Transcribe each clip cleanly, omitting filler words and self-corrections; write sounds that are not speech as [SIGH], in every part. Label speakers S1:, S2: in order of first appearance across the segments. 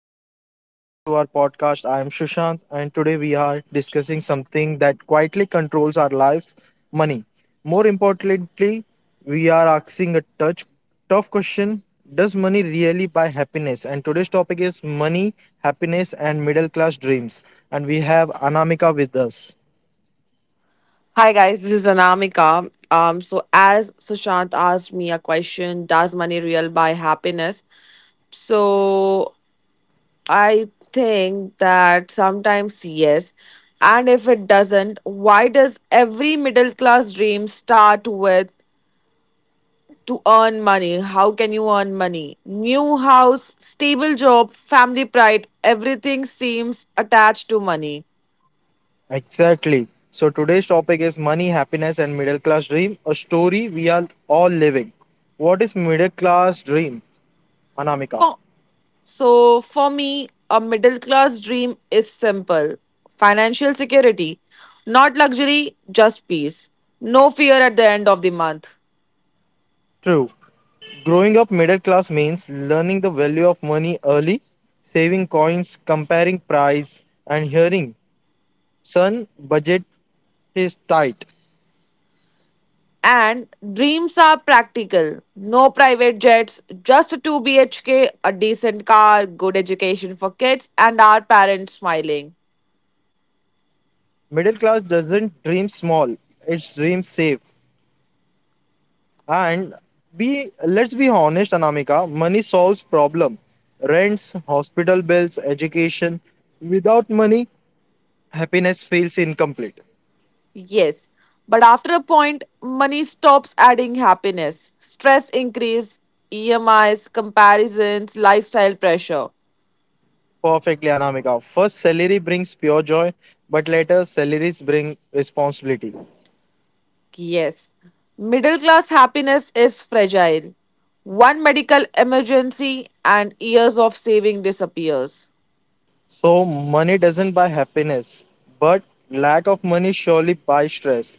S1: Everyone, welcome back to our podcast. I am Shushant and today we are discussing something that quietly controls our lives, money. More importantly, we are asking a touch tough question, does money really buy happiness? And today's topic is money, happiness and middle class dreams. And we have Anamika with us.
S2: Hi guys, this is Anamika. So as Sushant asked me a question, does money real buy happiness? So I think that sometimes yes, and if it doesn't, why does every middle class dream start with to earn money? How can you earn money? New house, stable job, family pride, everything seems attached to money.
S1: Exactly. So today's topic is money, happiness and middle class dream, a story we are all living. What is middle class dream? Anamika.
S2: For So, for me, a middle class dream is simple financial security, not luxury, just peace. No fear at the end of the month.
S1: True. Growing up middle class means learning the value of money early, saving coins, comparing price, and hearing, son, budget is tight.
S2: And dreams are practical no private jets, just a 2 BHK, a decent car, good education for kids, and our parents smiling.
S1: Middle class doesn't dream small, it dreams safe. And be let's be honest, Anamika, money solves problem. Rents, hospital bills, education. Without money, happiness feels incomplete.
S2: Yes, but after a point, money stops adding happiness. Stress increase, EMIs, comparisons, lifestyle pressure.
S1: Perfectly, Anamika. First salary brings pure joy, but later salaries bring responsibility.
S2: Yes. Middle class happiness is fragile. One medical emergency and years of saving disappears.
S1: So, money doesn't buy happiness, but lack of money surely buys stress.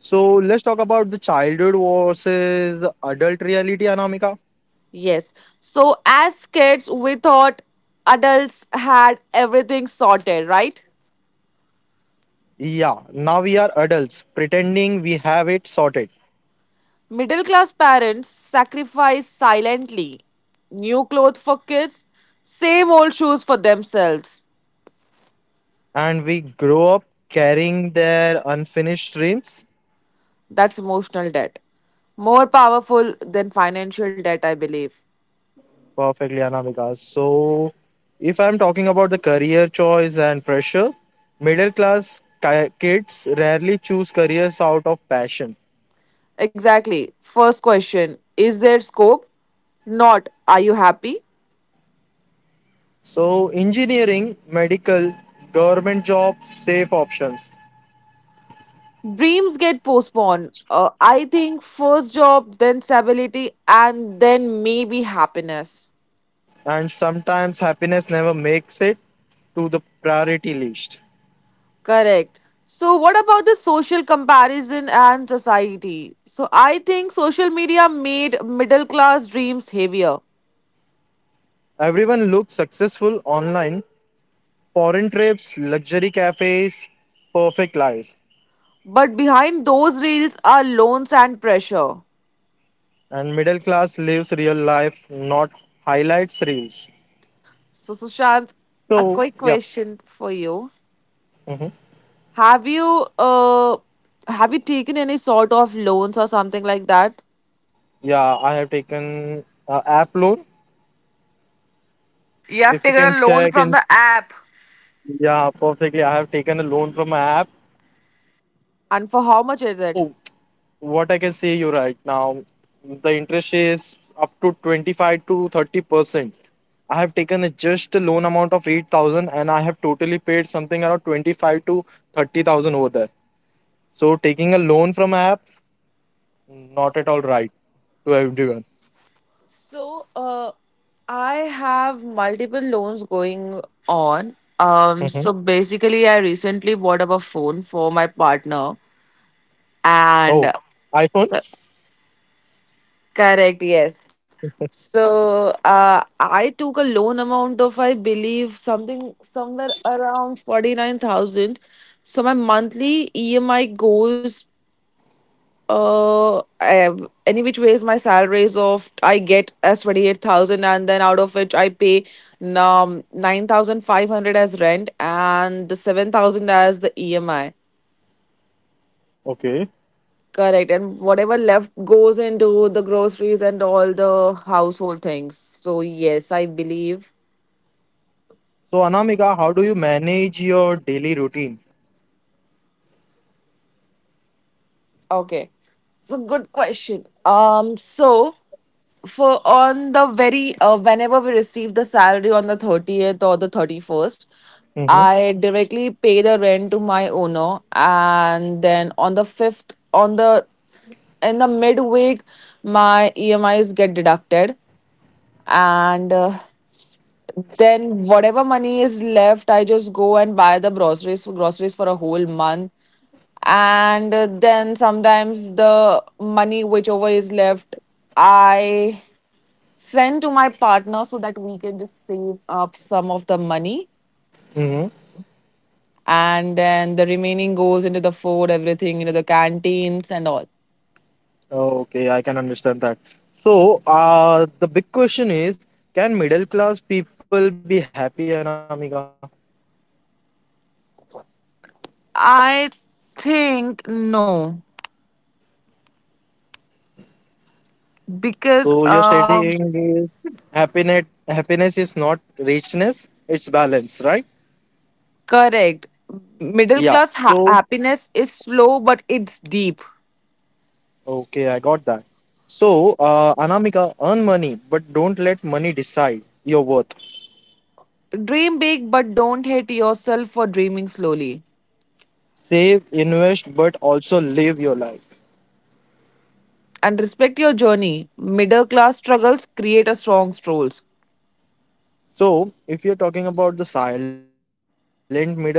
S1: So, let's talk about the childhood versus adult reality, Anamika.
S2: Yes. So as kids we thought adults had everything sorted, right?
S1: Yeah, now we are adults pretending we have it sorted
S2: Middle class parents sacrifice silently. New clothes for kids, same old shoes for themselves.
S1: and we grow up carrying their unfinished dreams.
S2: That's emotional debt. More powerful than financial debt, I believe.
S1: Perfectly, Anamika. So, if I'm talking about the career choice and pressure, middle class kids rarely choose careers out of passion.
S2: Exactly. First question is there scope? Not are you happy?
S1: So, engineering, medical, government jobs, safe options.
S2: Dreams get postponed. I think first job, then stability, and then maybe happiness.
S1: And sometimes happiness never makes it to the priority list.
S2: Correct. So, what about the social comparison and society? So, I think social media made middle class dreams heavier.
S1: Everyone looks successful online, foreign trips, luxury cafes, perfect lives.
S2: But behind those reels are loans and pressure.
S1: And middle class lives real life, not highlights reels.
S2: So, Sushant, a
S1: So,
S2: quick
S1: yeah.
S2: question for you.
S1: Mhm.
S2: Have you have you taken any sort of loans or something like that?
S1: Yeah, I have taken app loan.
S2: You
S1: If
S2: have
S1: you
S2: taken a
S1: can
S2: loan
S1: check
S2: from
S1: in,
S2: the app.
S1: yeah, perfectly. I have taken a loan from my app, which is
S2: And for how much is
S1: so
S2: it?
S1: what I can say you right now, the interest is up to 25 to 30%. I have taken a just a loan amount of 8,000. I have totally paid something around 25 to 30,000 over there. So taking a loan from app, not at all right to everyone.
S2: So, I have multiple loans going on.
S1: Mhm.
S2: So basically, I recently bought up a phone for my partner, and
S1: Oh, iPhone?
S2: Correct, yes. So I took a loan amount of I believe something somewhere around 49,000. So my monthly EMI goes uh eh, any which ways my salary is off I get as 28,000 and then out of which I pay 9,500 as rent and the 7,000 as the EMI.
S1: Okay.
S2: Correct. And whatever left goes into the groceries and all the household things. So yes, I believe.
S1: So Anamika, how do you manage your daily routine?
S2: Okay. So good question. So for on the very whenever we receive the salary on the 30th or the 31st
S1: Mhm.
S2: I directly pay the rent to my owner and then on the 5th on the in the midweek my EMIs get deducted and then whatever money is left I just go and buy the groceries for a whole month and then sometimes the money whichever is left I send to my partner so that we can just save up some of the money and then the remaining goes into the food everything, you know, the canteens and all.
S1: Okay, I can understand that. So, the big question is, can middle class people be happy, Anamika?
S2: I think no, because
S1: So you're
S2: um.
S1: stating is happiness is not richness, it's balance, right?
S2: Correct. Middle
S1: Yeah.
S2: class ha-
S1: So,
S2: happiness is slow, but it's deep.
S1: okay, I got that. So, Anamika, earn money, but don't let money decide your worth.
S2: Dream big, but don't hate yourself for dreaming slowly.
S1: Save, invest, but also live your life.
S2: And respect your journey. Middle class struggles create a strong souls.
S1: So, if you're talking about the silent middle class struggles,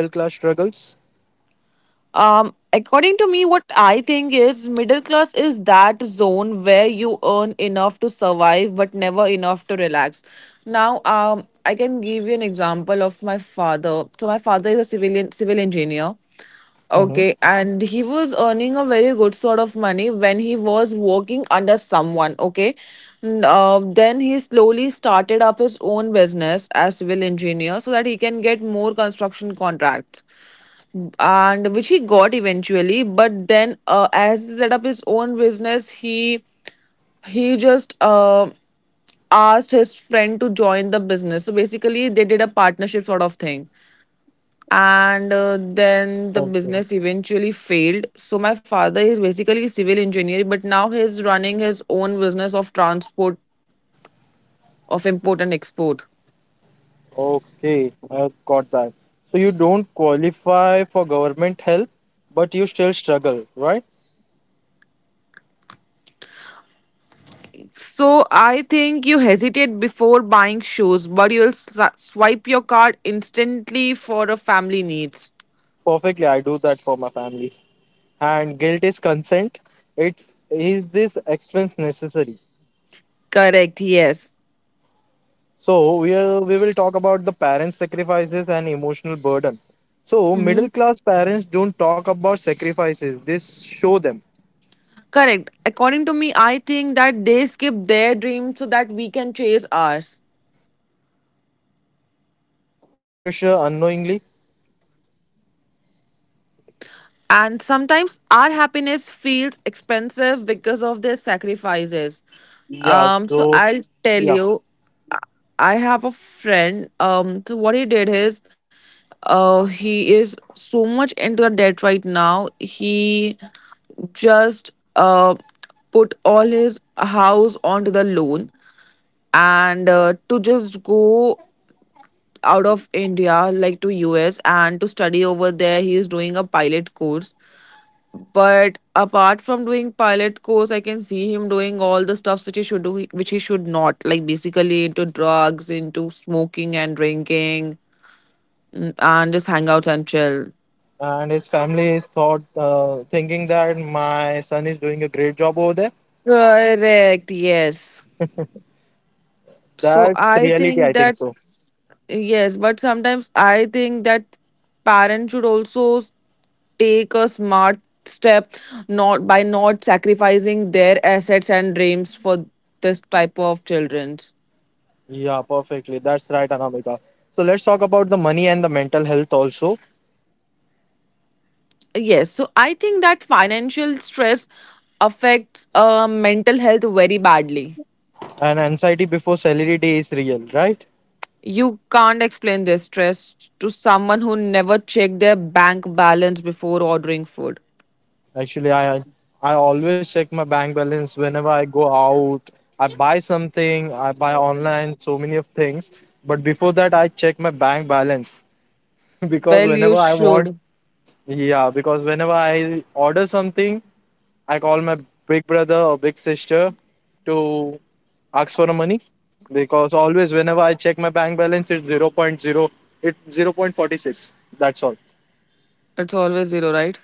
S2: According to me, what I think is middle class is that zone where you earn enough to survive, but never enough to relax. Now, I can give you an example of my father. So my father is a civil engineer.
S1: mhm.
S2: Okay, and he was earning a very good sort of money when he was working under someone. Okay, then he slowly started up his own business as civil engineer so that he can get more construction contracts, and which he got eventually. But then, as he set up his own business, he just asked his friend to join the business. So basically, they did a partnership sort of thing and then the business eventually failed so my father is basically a civil engineer but now he's running his own business of transport of import and export.
S1: Okay, I got that. So you don't qualify for government help, but you still struggle, right?
S2: So I think you hesitate before buying shoes but you'll swipe your card instantly for a family needs.
S1: Perfectly, I do that for my family. And guilt is consent. It's is this expense necessary?
S2: Correct, yes.
S1: So we will talk about the parents' sacrifices and emotional burden. So middle
S2: Hmm.
S1: class parents don't talk about sacrifices. They show them,
S2: Correct, according to me I think that they skip their dreams so that we can chase ours.
S1: and we carry that pressure unknowingly.
S2: And sometimes our happiness feels expensive because of their sacrifices.
S1: Yeah.
S2: So
S1: So
S2: I'll
S1: yeah.
S2: tell you, I I have a friend. So what he did is, he is so much into the debt right now. He just uh put all his house onto the loan and to just go out of India, like to US, and to study over there. He is doing a pilot course but apart from doing pilot course, I can see him doing all the stuffs which he should do, which he should not. Like basically into drugs, into smoking and drinking, and just hang out and chill.
S1: And his family is thought thinking that my son is doing a great job over there.
S2: Correct, yes. So
S1: That's
S2: I
S1: reality,
S2: think
S1: I think so.
S2: that's yes, but sometimes I think that parents should also take a smart step not by not sacrificing their assets and dreams for this type of children.
S1: Yeah, perfectly. That's right, Anamika. So let's talk about the money and the mental health also.
S2: Yes, so I think that financial stress affects mental health very badly.
S1: And anxiety before salary day is real, right?
S2: You can't explain this stress to someone who never checked their bank balance before ordering food.
S1: Actually, I always check my bank balance whenever I go out. I buy something, I buy online, so many of things. But before that, I check my bank balance [LAUGHS] because
S2: Well, you
S1: whenever I want
S2: should.
S1: yeah, because whenever I order something, I call my big brother or big sister to ask for the money because always whenever I check my bank balance, it's 0.0, it's 0. 0.46. That's all.
S2: It's always zero, right?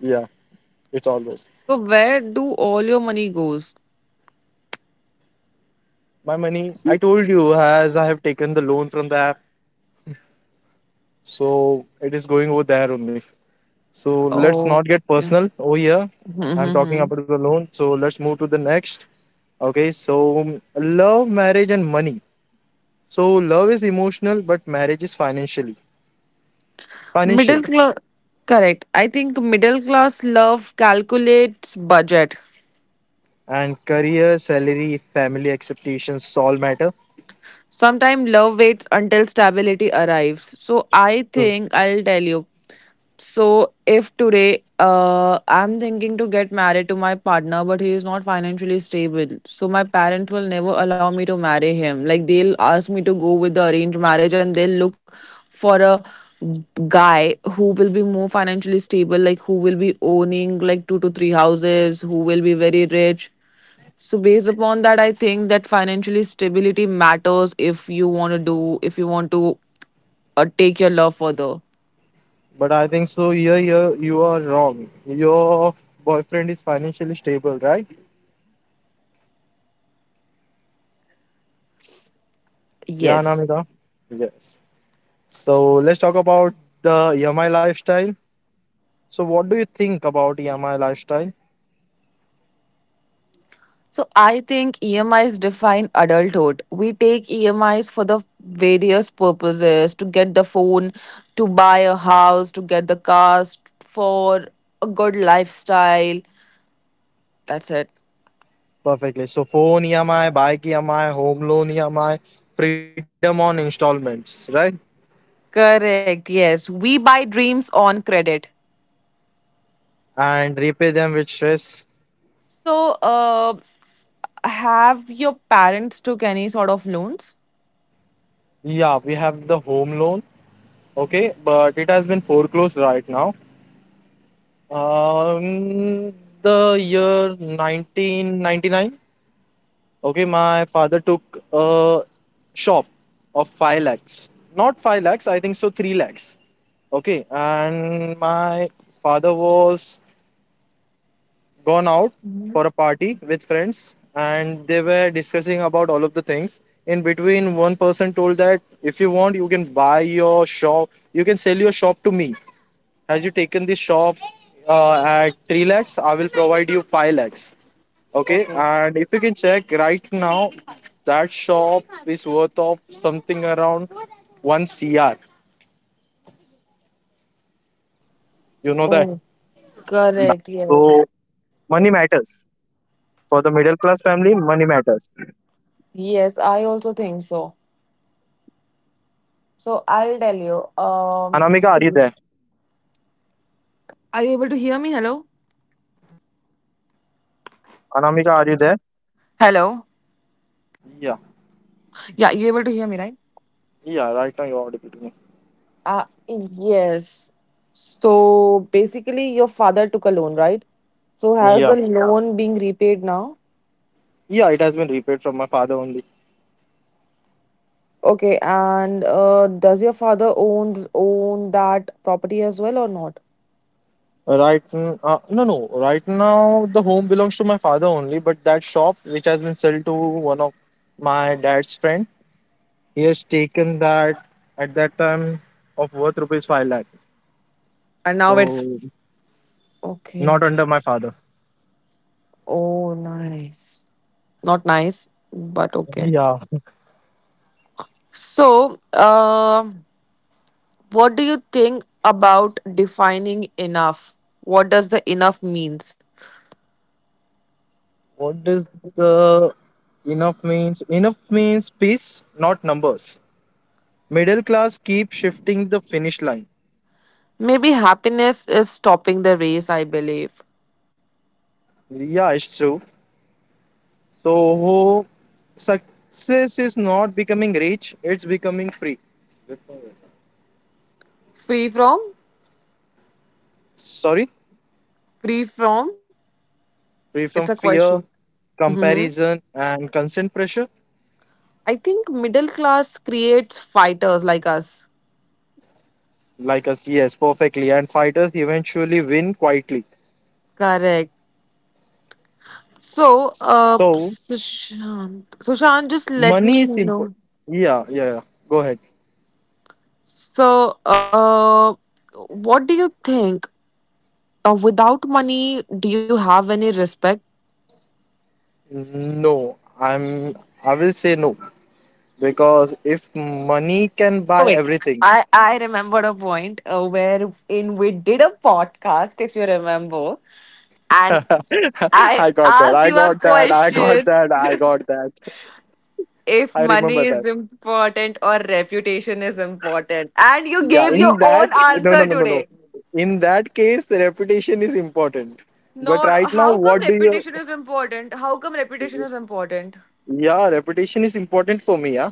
S1: Yeah, it's always.
S2: So where do all your money goes?
S1: My money, I told you, as I have taken the loan from the app, so it is going over there only. So let's
S2: Oh,
S1: not get
S2: yeah.
S1: personal over here.
S2: [LAUGHS]
S1: I'm talking
S2: Mhm.
S1: about the loan, so let's move to the next. Okay, so love, marriage, and money. So love is emotional, but marriage is
S2: Middle
S1: financial.
S2: class. Correct. I think middle class love calculates budget.
S1: And career, salary, family expectations all matter.
S2: Sometimes love waits until stability arrives. So I
S1: So,
S2: think I'll tell you. So if today I'm thinking to get married to my partner, but he is not financially stable, so my parents will never allow me to marry him. Like they'll ask me to go with the arranged marriage, and they'll look for a guy who will be more financially stable, like who will be owning like 2 to 3 houses, who will be very rich, so based upon that, I think that financially stability matters if you want to do if you want to take your love further.
S1: but I think so. Here you are wrong. Your boyfriend is financially stable, right? Yeah,
S2: Yes.
S1: Namita. Yes. So let's talk about the EMI lifestyle. So what do you think about EMI lifestyle?
S2: So I think EMIs define adulthood. We take EMIs for the various purposes to get the phone, to buy a house, to get the cars, for a good lifestyle. That's it.
S1: Perfectly. So phone EMI, bike EMI, home loan EMI, freedom on installments, right?
S2: Correct. Yes. We buy dreams on credit.
S1: And repay them with stress.
S2: So, have your parents took any sort of loans?
S1: Yeah, we have the home loan. Okay, but it has been foreclosed right now. Um, the year 1999. Okay, my father took a shop of 5 lakhs. Not 5 lakhs, I think so 3 lakhs. Okay, and my father was gone out for a party with friends and they were discussing about all of the things. In between, one person told that if you want, you can buy your shop, you can sell your shop to me. Has you taken this shop at 3 lakhs? I will provide you 5 lakhs. Okay.
S2: Okay.
S1: And if you can check right now, that shop is worth of something around 1 CR. You know that?
S2: Oh, correct. Yes. Yes, I also think so. So I'll tell you. Are you able to hear me? Hello? Hello. Yeah, you able to hear me, right?
S1: Yeah, right now you're audible to me.
S2: Yes. So basically, your father took a loan, right? So has
S1: Yeah,
S2: the, yeah, loan being repaid now?
S1: yeah, it has been repaid from my father only.
S2: Okay, and does your father own that property as well or not?
S1: Right, no, no. Right now, the home belongs to my father only, but that shop which has been sold to one of my dad's friend, he has taken that at that time of worth ₹5 lakh.
S2: And now it's
S1: So not
S2: okay.
S1: under my father.
S2: Oh, nice. Not nice, but
S1: [LAUGHS]
S2: okay.
S1: Yeah.
S2: So, what do you think about defining enough? What does the enough means?
S1: What does the enough means? Enough means peace, not numbers. Middle class keep shifting the finish line.
S2: Maybe happiness is stopping the race, I believe.
S1: Yeah, it's true. So success is not becoming rich, it's becoming free.
S2: Free from?
S1: Sorry,
S2: Free from?
S1: free
S2: It's a
S1: from
S2: question.
S1: fear,
S2: Hmm.
S1: comparison, and constant pressure.
S2: I think middle class creates fighters like us.
S1: Like us, yes, perfectly. And fighters eventually win quietly.
S2: Correct. So,
S1: So
S2: Sushant, Sushant, just let
S1: money is
S2: me
S1: important.
S2: know.
S1: Yeah, yeah, yeah. Go ahead.
S2: So, what do you think? Without money, do you have any respect?
S1: No, I'm. I will say no because if money can
S2: Oh
S1: buy
S2: wait,
S1: everything,
S2: I remembered a point where in we did a podcast, if you remember,
S1: [LAUGHS]
S2: and I
S1: I got that.
S2: asked
S1: I
S2: you a
S1: got that. I got
S2: question
S1: that. I got that.
S2: if
S1: I
S2: money
S1: remember
S2: is important or reputation is important, and you
S1: yeah,
S2: gave
S1: in
S2: your
S1: that,
S2: own
S1: no, no,
S2: answer
S1: no, no, no.
S2: today.
S1: In that case, reputation is important. But
S2: No, no,
S1: right now,
S2: how come
S1: what do you?
S2: reputation is important? How come reputation is important?
S1: Yeah, reputation is important for me. Yeah,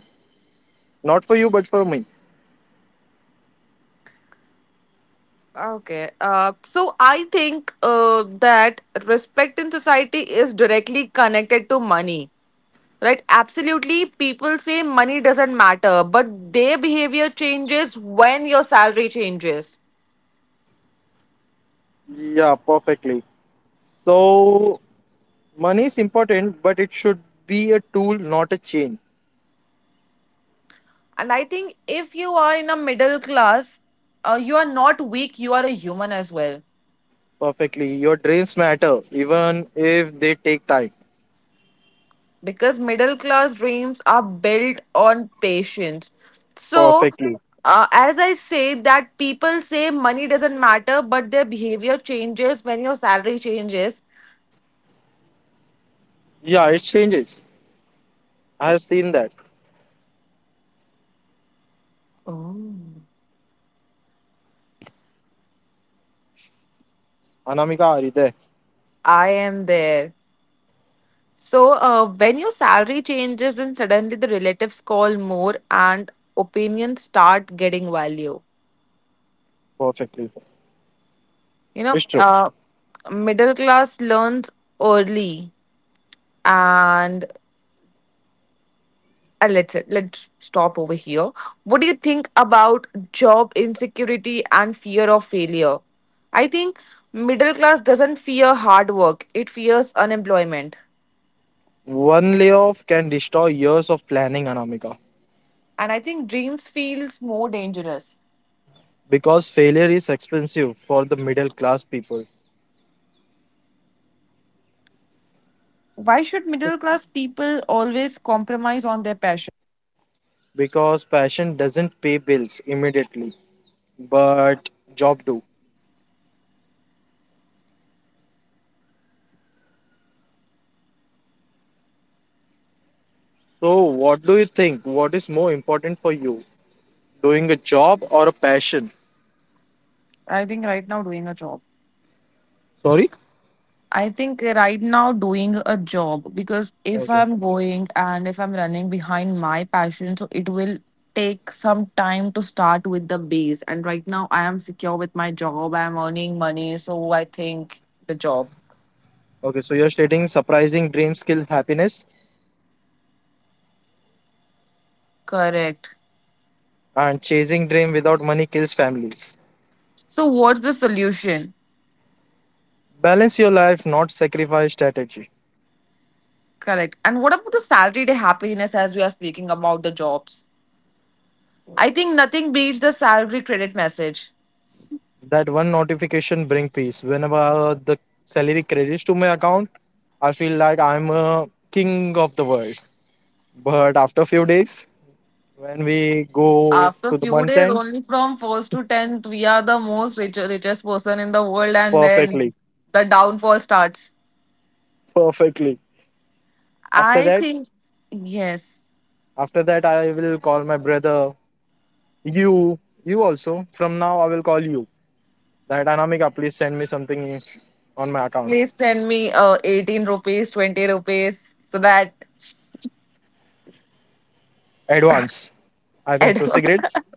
S1: not for you, but for me.
S2: Okay. So I think that respect in society is directly connected to money, right? Absolutely. People say money doesn't matter, but their behavior changes when your salary changes.
S1: Yeah, perfectly. So money is important, but it should be a tool, not a chain.
S2: And I think if you are in a middle class, you are not weak, you are a human as well.
S1: Perfectly. Your dreams matter, even if they take time.
S2: Because middle class dreams are built on patience. So
S1: Perfectly.
S2: as I say that people say money doesn't matter but their behavior changes when your salary changes.
S1: Yeah, it changes. I have seen that.
S2: Oh.
S1: Anamika, are you there?
S2: I am there. So when your salary changes then suddenly the relatives call more and opinions start getting value.
S1: Perfectly. It's
S2: You
S1: true.
S2: know, middle class learns early and let's stop over here. What do you think about job insecurity and fear of failure? I think middle class doesn't fear hard work; it fears unemployment,
S1: One layoff can destroy years of planning, Anamika,
S2: and I think dreams feels more dangerous.
S1: because failure is expensive for the middle class people.
S2: Why should middle class people always compromise on their passion?
S1: Because passion doesn't pay bills immediately, but job do. So, what do you think? What is more important for you, doing a job or a passion?
S2: I think right now doing a job.
S1: Sorry?
S2: I think right now doing a job because if
S1: Okay.
S2: I'm going and if I'm running behind my passion, so it will take some time to start with the base. And right now I am secure with my job, I'm earning money, so I think the job.
S1: Okay, so you're stating surprising dreams kill happiness
S2: Correct.
S1: and chasing dream without money kills families.
S2: So what's the solution?
S1: Balance your life, not sacrifice strategy.
S2: Correct. And what about the salary to happiness as we are speaking about the jobs? I think nothing beats the salary credit message.
S1: That one notification bring peace. Whenever the salary credits to my account, I feel like I'm a king of the world. But after few days, when we go
S2: After
S1: to the
S2: few
S1: month
S2: days,
S1: end,
S2: only from 1st to 10th we are the richest person in the world, and then
S1: perfectly,
S2: the downfall starts.
S1: perfectly. After
S2: I
S1: that,
S2: think. Yes.
S1: after that, I will call my brother. You also. From now, I will call you. That Anamika, please send me something on my account.
S2: Please send me 18 rupees, 20 rupees, so that
S1: Advance. I think
S2: it
S1: so.
S2: [LAUGHS]
S1: Cigarettes,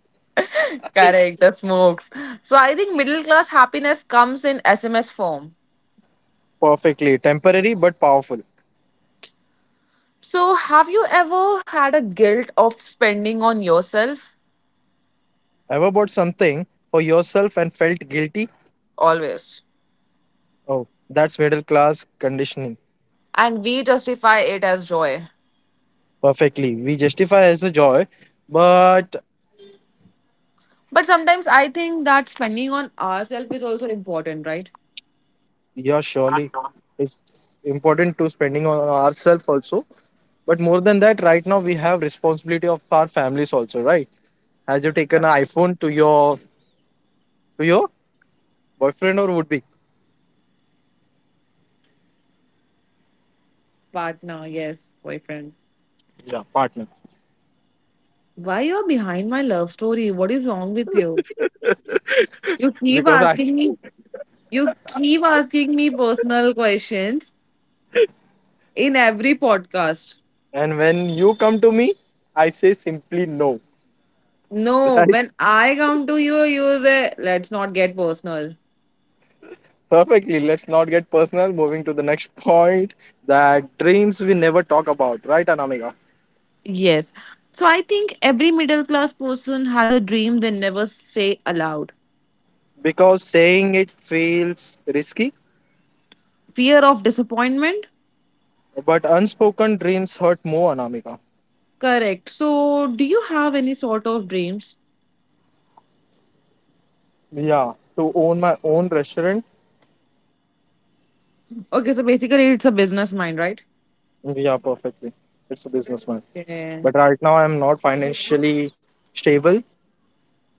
S2: correct, the smokes. So I think middle class happiness comes in SMS form.
S1: perfectly temporary but powerful.
S2: So have you ever had a guilt of spending on yourself?
S1: Ever bought something for yourself and felt guilty?
S2: Always.
S1: Oh, that's middle class conditioning.
S2: And we justify it as joy.
S1: Perfectly. We justify as a joy, but
S2: But sometimes I think that spending on ourselves is also important, right?
S1: yeah, surely
S2: Partner.
S1: it's important to spending on ourselves also. But more than that, right now we have responsibility of our families also, right? Has you taken an iPhone to your boyfriend or would be
S2: Partner, yes, boyfriend.
S1: yeah, partner?
S2: Why you're behind my love story? What is wrong with you? You
S1: [LAUGHS]
S2: keep
S1: because I
S2: asking me you keep asking me personal questions in every podcast.
S1: and when you come to me, I say simply no, [LAUGHS]
S2: No,
S1: right?
S2: when I come to you, you say, let's not get personal.
S1: Perfectly. Let's not get personal. Moving to the next point that dreams we never talk about, right, Anamika?
S2: Yes. So I think every middle class person has a dream they never say aloud.
S1: Because saying it feels risky,
S2: Fear of disappointment.
S1: but unspoken dreams hurt more, Anamika.
S2: Correct. So, do you have any sort of dreams?
S1: Yeah, to own my own restaurant.
S2: Okay, so basically, it's a business mind, right?
S1: Yeah, perfectly. It's a businessman.
S2: Yeah.
S1: But right now, I'm not financially stable.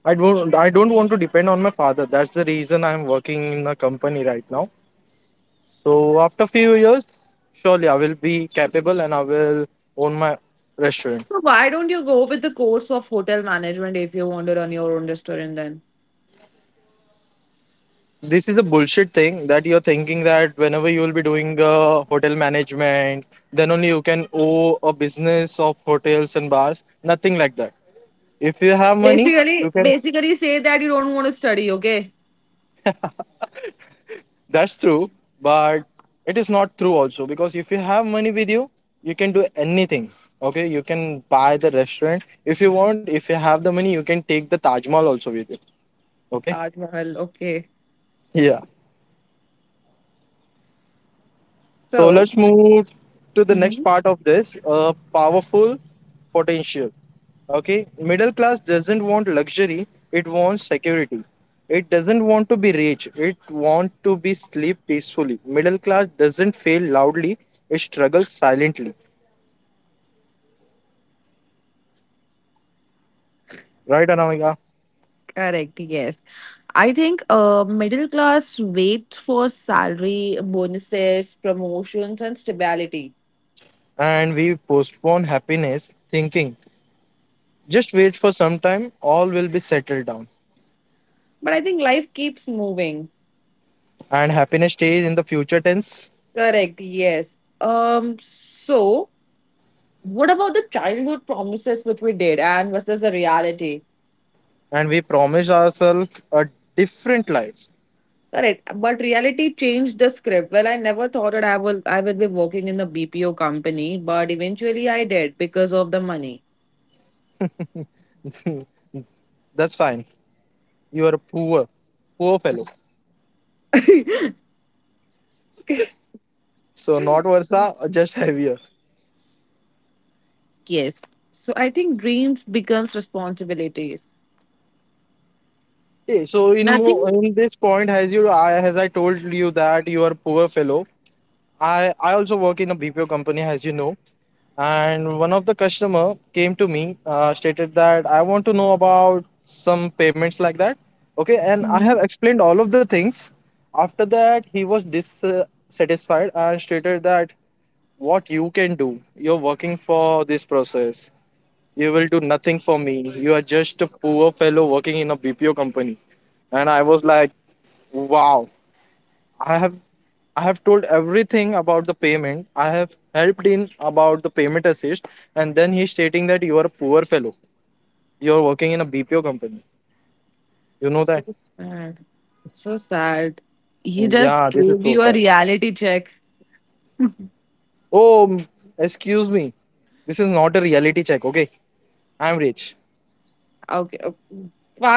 S1: I don't want to depend on my father. That's the reason I'm working in a company right now. So after few years, surely I will be capable and I will own my restaurant.
S2: So, why don't you go with the course of hotel management if you want to run your own restaurant then?
S1: This is a bullshit thing that you're thinking that whenever you will be doing hotel management, then only you can owe a business of hotels and bars. Nothing like that. If you have money, you
S2: Basically,
S1: can.
S2: basically say that you don't want to study, okay?
S1: That's true, but it is not true also because if you have money with you, you can do anything. Okay, you can buy the restaurant if you want. If you have the money, you can take the Taj Mahal also with you. Okay.
S2: Taj Mahal, okay.
S1: Yeah. So
S2: So.
S1: let's move to the
S2: Mhm.
S1: next part of this powerful potential. Okay, middle class doesn't want luxury, it wants security. It doesn't want to be rich, it wants to be sleep peacefully. Middle class doesn't fail loudly, it struggles silently. Right, Anamika?
S2: Correct, yes. I think middle class wait for salary, bonuses, promotions, and stability.
S1: And we postpone happiness thinking, just wait for some time, all will be settled down.
S2: But I think life keeps moving.
S1: And happiness stays in the future tense,
S2: Correct, yes. So what about the childhood promises which we did and versus the reality?
S1: and we promise ourselves a different life.
S2: Correct, but reality changed the script. Well, I never thought that I will be working in the BPO company, but eventually I did, because of the money.
S1: [LAUGHS] That's fine. You are a poor fellow.
S2: [LAUGHS]
S1: So not worse, just heavier.
S2: Yes. So I think dreams becomes responsibilities.
S1: Okay, so in
S2: Nothing.
S1: in this point, as I told you that you are poor fellow. I also work in a BPO company, as you know. And one of the customer came to me, stated that I want to know about some payments like that. Okay, and I
S2: Mhm.
S1: have explained all of the things. After that, he was dissatisfied and stated that what you can do. You're working for this process. You will do nothing for me. You are just a poor fellow working in a BPO company. And I was like, wow, I have I have told everything about the payment. I have helped in about the payment assist. And then he's stating that you are a poor fellow. You're working in a BPO company. You know
S2: So
S1: that?
S2: sad. So sad. He just
S1: Yeah, this is
S2: gave
S1: so
S2: you a
S1: sad.
S2: reality check.
S1: Oh, excuse me. This is not a reality check, okay? I'm rich.
S2: Okay,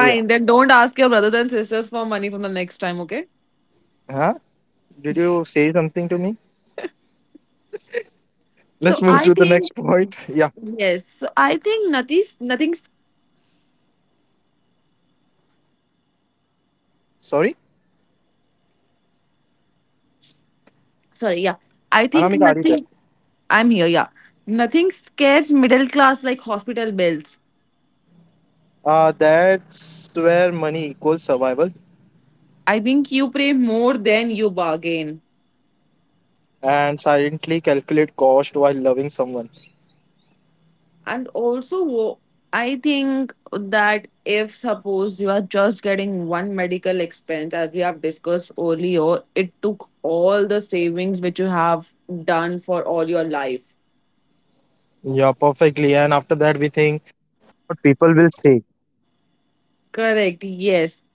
S1: Yeah.
S2: then don't ask your brothers and sisters for money from the next time, okay?
S1: Huh? Did you say something to me? Let's
S2: So
S1: move
S2: I
S1: to the
S2: think.
S1: next point. [LAUGHS] Yeah.
S2: Yes. So I think nothing's nothing's
S1: Sorry?
S2: sorry, yeah.
S1: Anamika,
S2: I
S1: are you there?
S2: think nothing. I'm here, yeah. Nothing scares middle class like hospital bills.
S1: That's where money equals survival
S2: I think you pay more than you bargain.
S1: and silently calculate cost while loving someone.
S2: And also, I think that if suppose you are just getting one medical expense as we have discussed earlier, it took all the savings which you have done for all your life.
S1: Yeah, perfectly. And after that, we
S2: Correct, yes.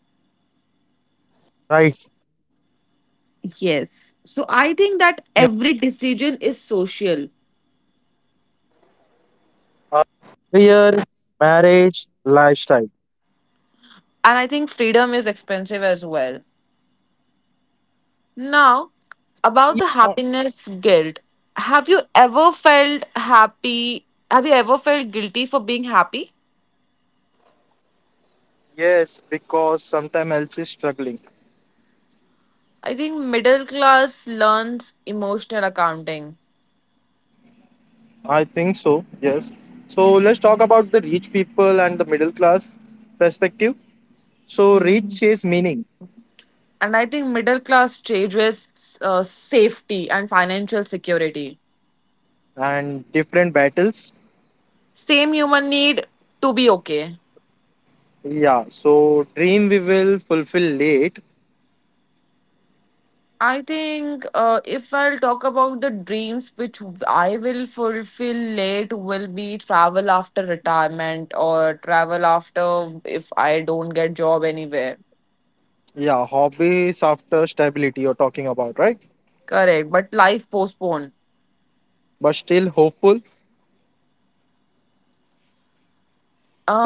S2: Yes. So I think that every decision is social. And I think freedom is expensive as well. Now, about the happiness guilt. Have you ever felt happy? Have you ever felt guilty for being happy?
S1: yes, because sometime else is struggling.
S2: I think middle class learns emotional accounting.
S1: I think so. Yes. So let's talk about the rich people and the middle class perspective. So
S2: Mhm.
S1: rich is meaning
S2: And I think middle class changes safety and financial security.
S1: and different battles.
S2: Same human need to be okay.
S1: Yeah. So dream we will fulfill late.
S2: I think, if I'll talk about the dreams which I will fulfill late, will be travel after retirement or travel after if I don't get job anywhere.
S1: Yeah. Hobbies after stability you're talking about, right?
S2: Correct, but life postponed.
S1: But still hopeful.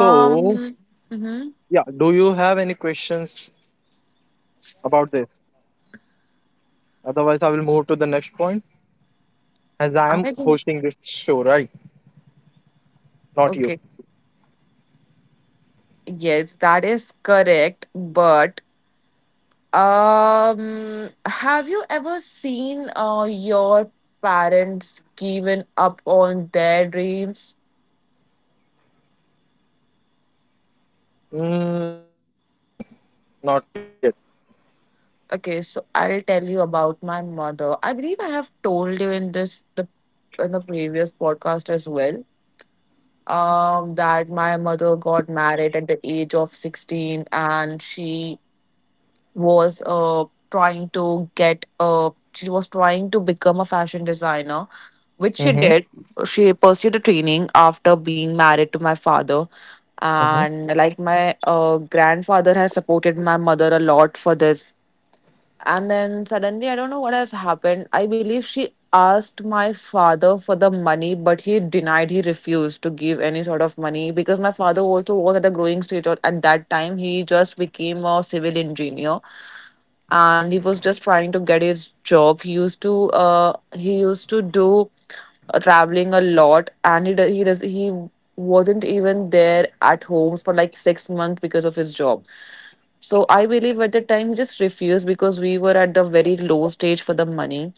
S1: So
S2: mhm.
S1: yeah. Do you have any questions about this? Otherwise, I will move to the next point as I
S2: I
S1: am
S2: think.
S1: hosting this show, right? Not you.
S2: Okay. Yes, that is correct. But have you ever seen your parents giving up on their dreams?
S1: Mm, that is no. Not yet.
S2: Okay, so I'll tell you about my mother. I believe I have told you in this the in the previous podcast as well. That my mother got married at the age of 16, and she was trying to trying to become a fashion designer, which she
S1: Mm-hmm.
S2: did. She pursued a training after being married to my father,
S1: Mm-hmm.
S2: and like my grandfather has supported my mother a lot for this. And then suddenly, I don't know what has happened. I believe she asked my father for the money, but he refused to give any sort of money, because my father also was at the growing stage or at that time. He just became a civil engineer and he was just trying to get his job. He used to do traveling a lot, and he do- he does he wasn't even there at home for like 6 months because of his job. So I believe at the time he just refused because we were at the very low stage for the money,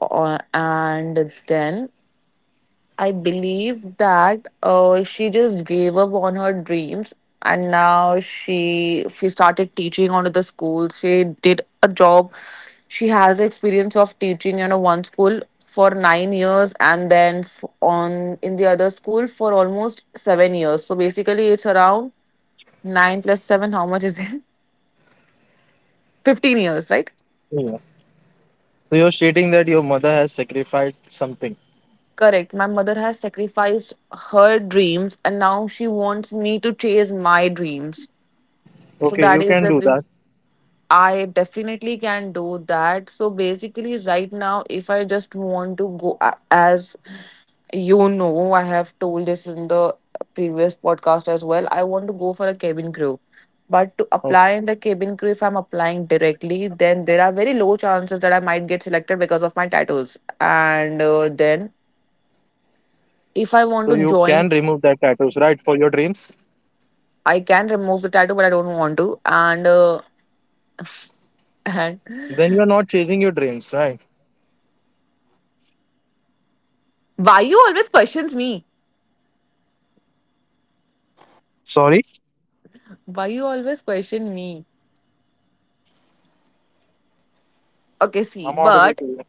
S2: and then I believe that she just gave up on her dreams, and now she started teaching onto the schools. She did a job. She has experience of teaching, one school for 9 years and then f- on in the other school for almost 7 years. So basically it's around 9 plus 7, how much is it? [LAUGHS] 15 years, right?
S1: Yeah. So you're stating that your mother has sacrificed something.
S2: Correct. My mother has sacrificed her dreams and now she wants me to chase my dreams. So
S1: Okay,
S2: that
S1: you
S2: is
S1: can do
S2: the.
S1: that.
S2: I definitely can do that. So basically, right now, if I just want to go, as you know, I have told this in the previous podcast as well, I want to go for a cabin crew. But to apply in
S1: Oh,
S2: the cabin crew, if I'm applying directly, then there are very low chances that I might get selected because of my tattoos. And then, if I want
S1: so
S2: to
S1: you
S2: join,
S1: can remove that tattoos, right? For your dreams.
S2: I can remove the tattoo, but I don't want to. And, [LAUGHS] and
S1: Then you are not chasing your dreams, right?
S2: why you always questions me? Why you always question me? Okay, see,
S1: I'm audible
S2: but
S1: to you.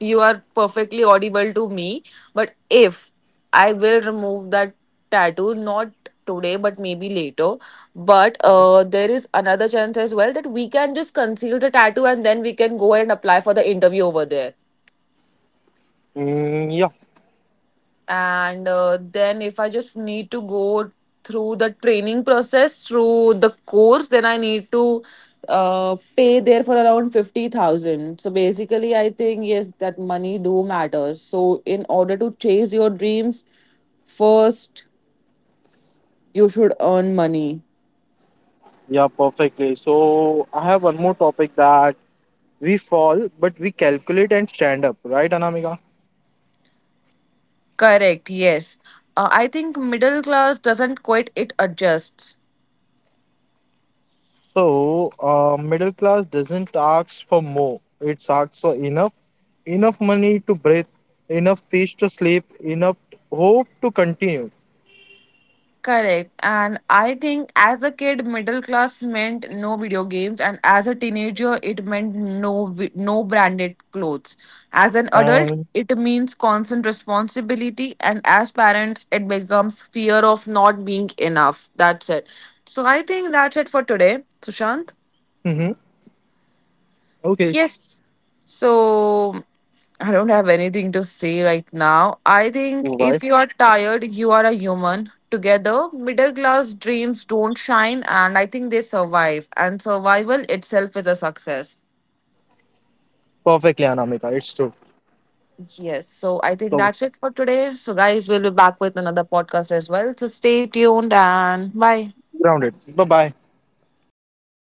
S2: you are perfectly audible to me. But if I will remove that tattoo, not today, but maybe later. But
S1: Mhm.
S2: there is another chance as well that we can just conceal the tattoo and then we can go and apply for the interview over there.
S1: Mm, yeah,
S2: And then if I just need to go through the training process through the course, then I need to pay there for around 50,000. So basically I think yes, that money do matters, so in order to chase your dreams, first you should earn money.
S1: yeah, perfectly. So I have one more topic that we fall, but we calculate and stand up, right, Anamika?
S2: Correct, yes. I think middle class doesn't quit, it adjusts.
S1: So middle class doesn't ask for more; it asks for enough, enough money to breathe, enough fish to sleep, enough hope to continue.
S2: Correct. And I think as a kid, middle class meant no video games, and as a teenager, it meant no branded clothes. As an adult,
S1: And
S2: it means constant responsibility, and as parents, it becomes fear of not being enough. That's it. So I think that's it for today, Sushant.
S1: mm-hmm. Okay,
S2: Yes. So I don't have anything to say right now. I think
S1: right,
S2: if you are tired, you are a human. Together, middle class dreams don't shine, and I think they survive. And survival itself is a success.
S1: perfectly, Anamika. It's true.
S2: Yes. So I think
S1: So
S2: that's it for today. So, guys, we'll be back with another podcast as well. So, stay tuned and bye.
S1: grounded. Bye bye.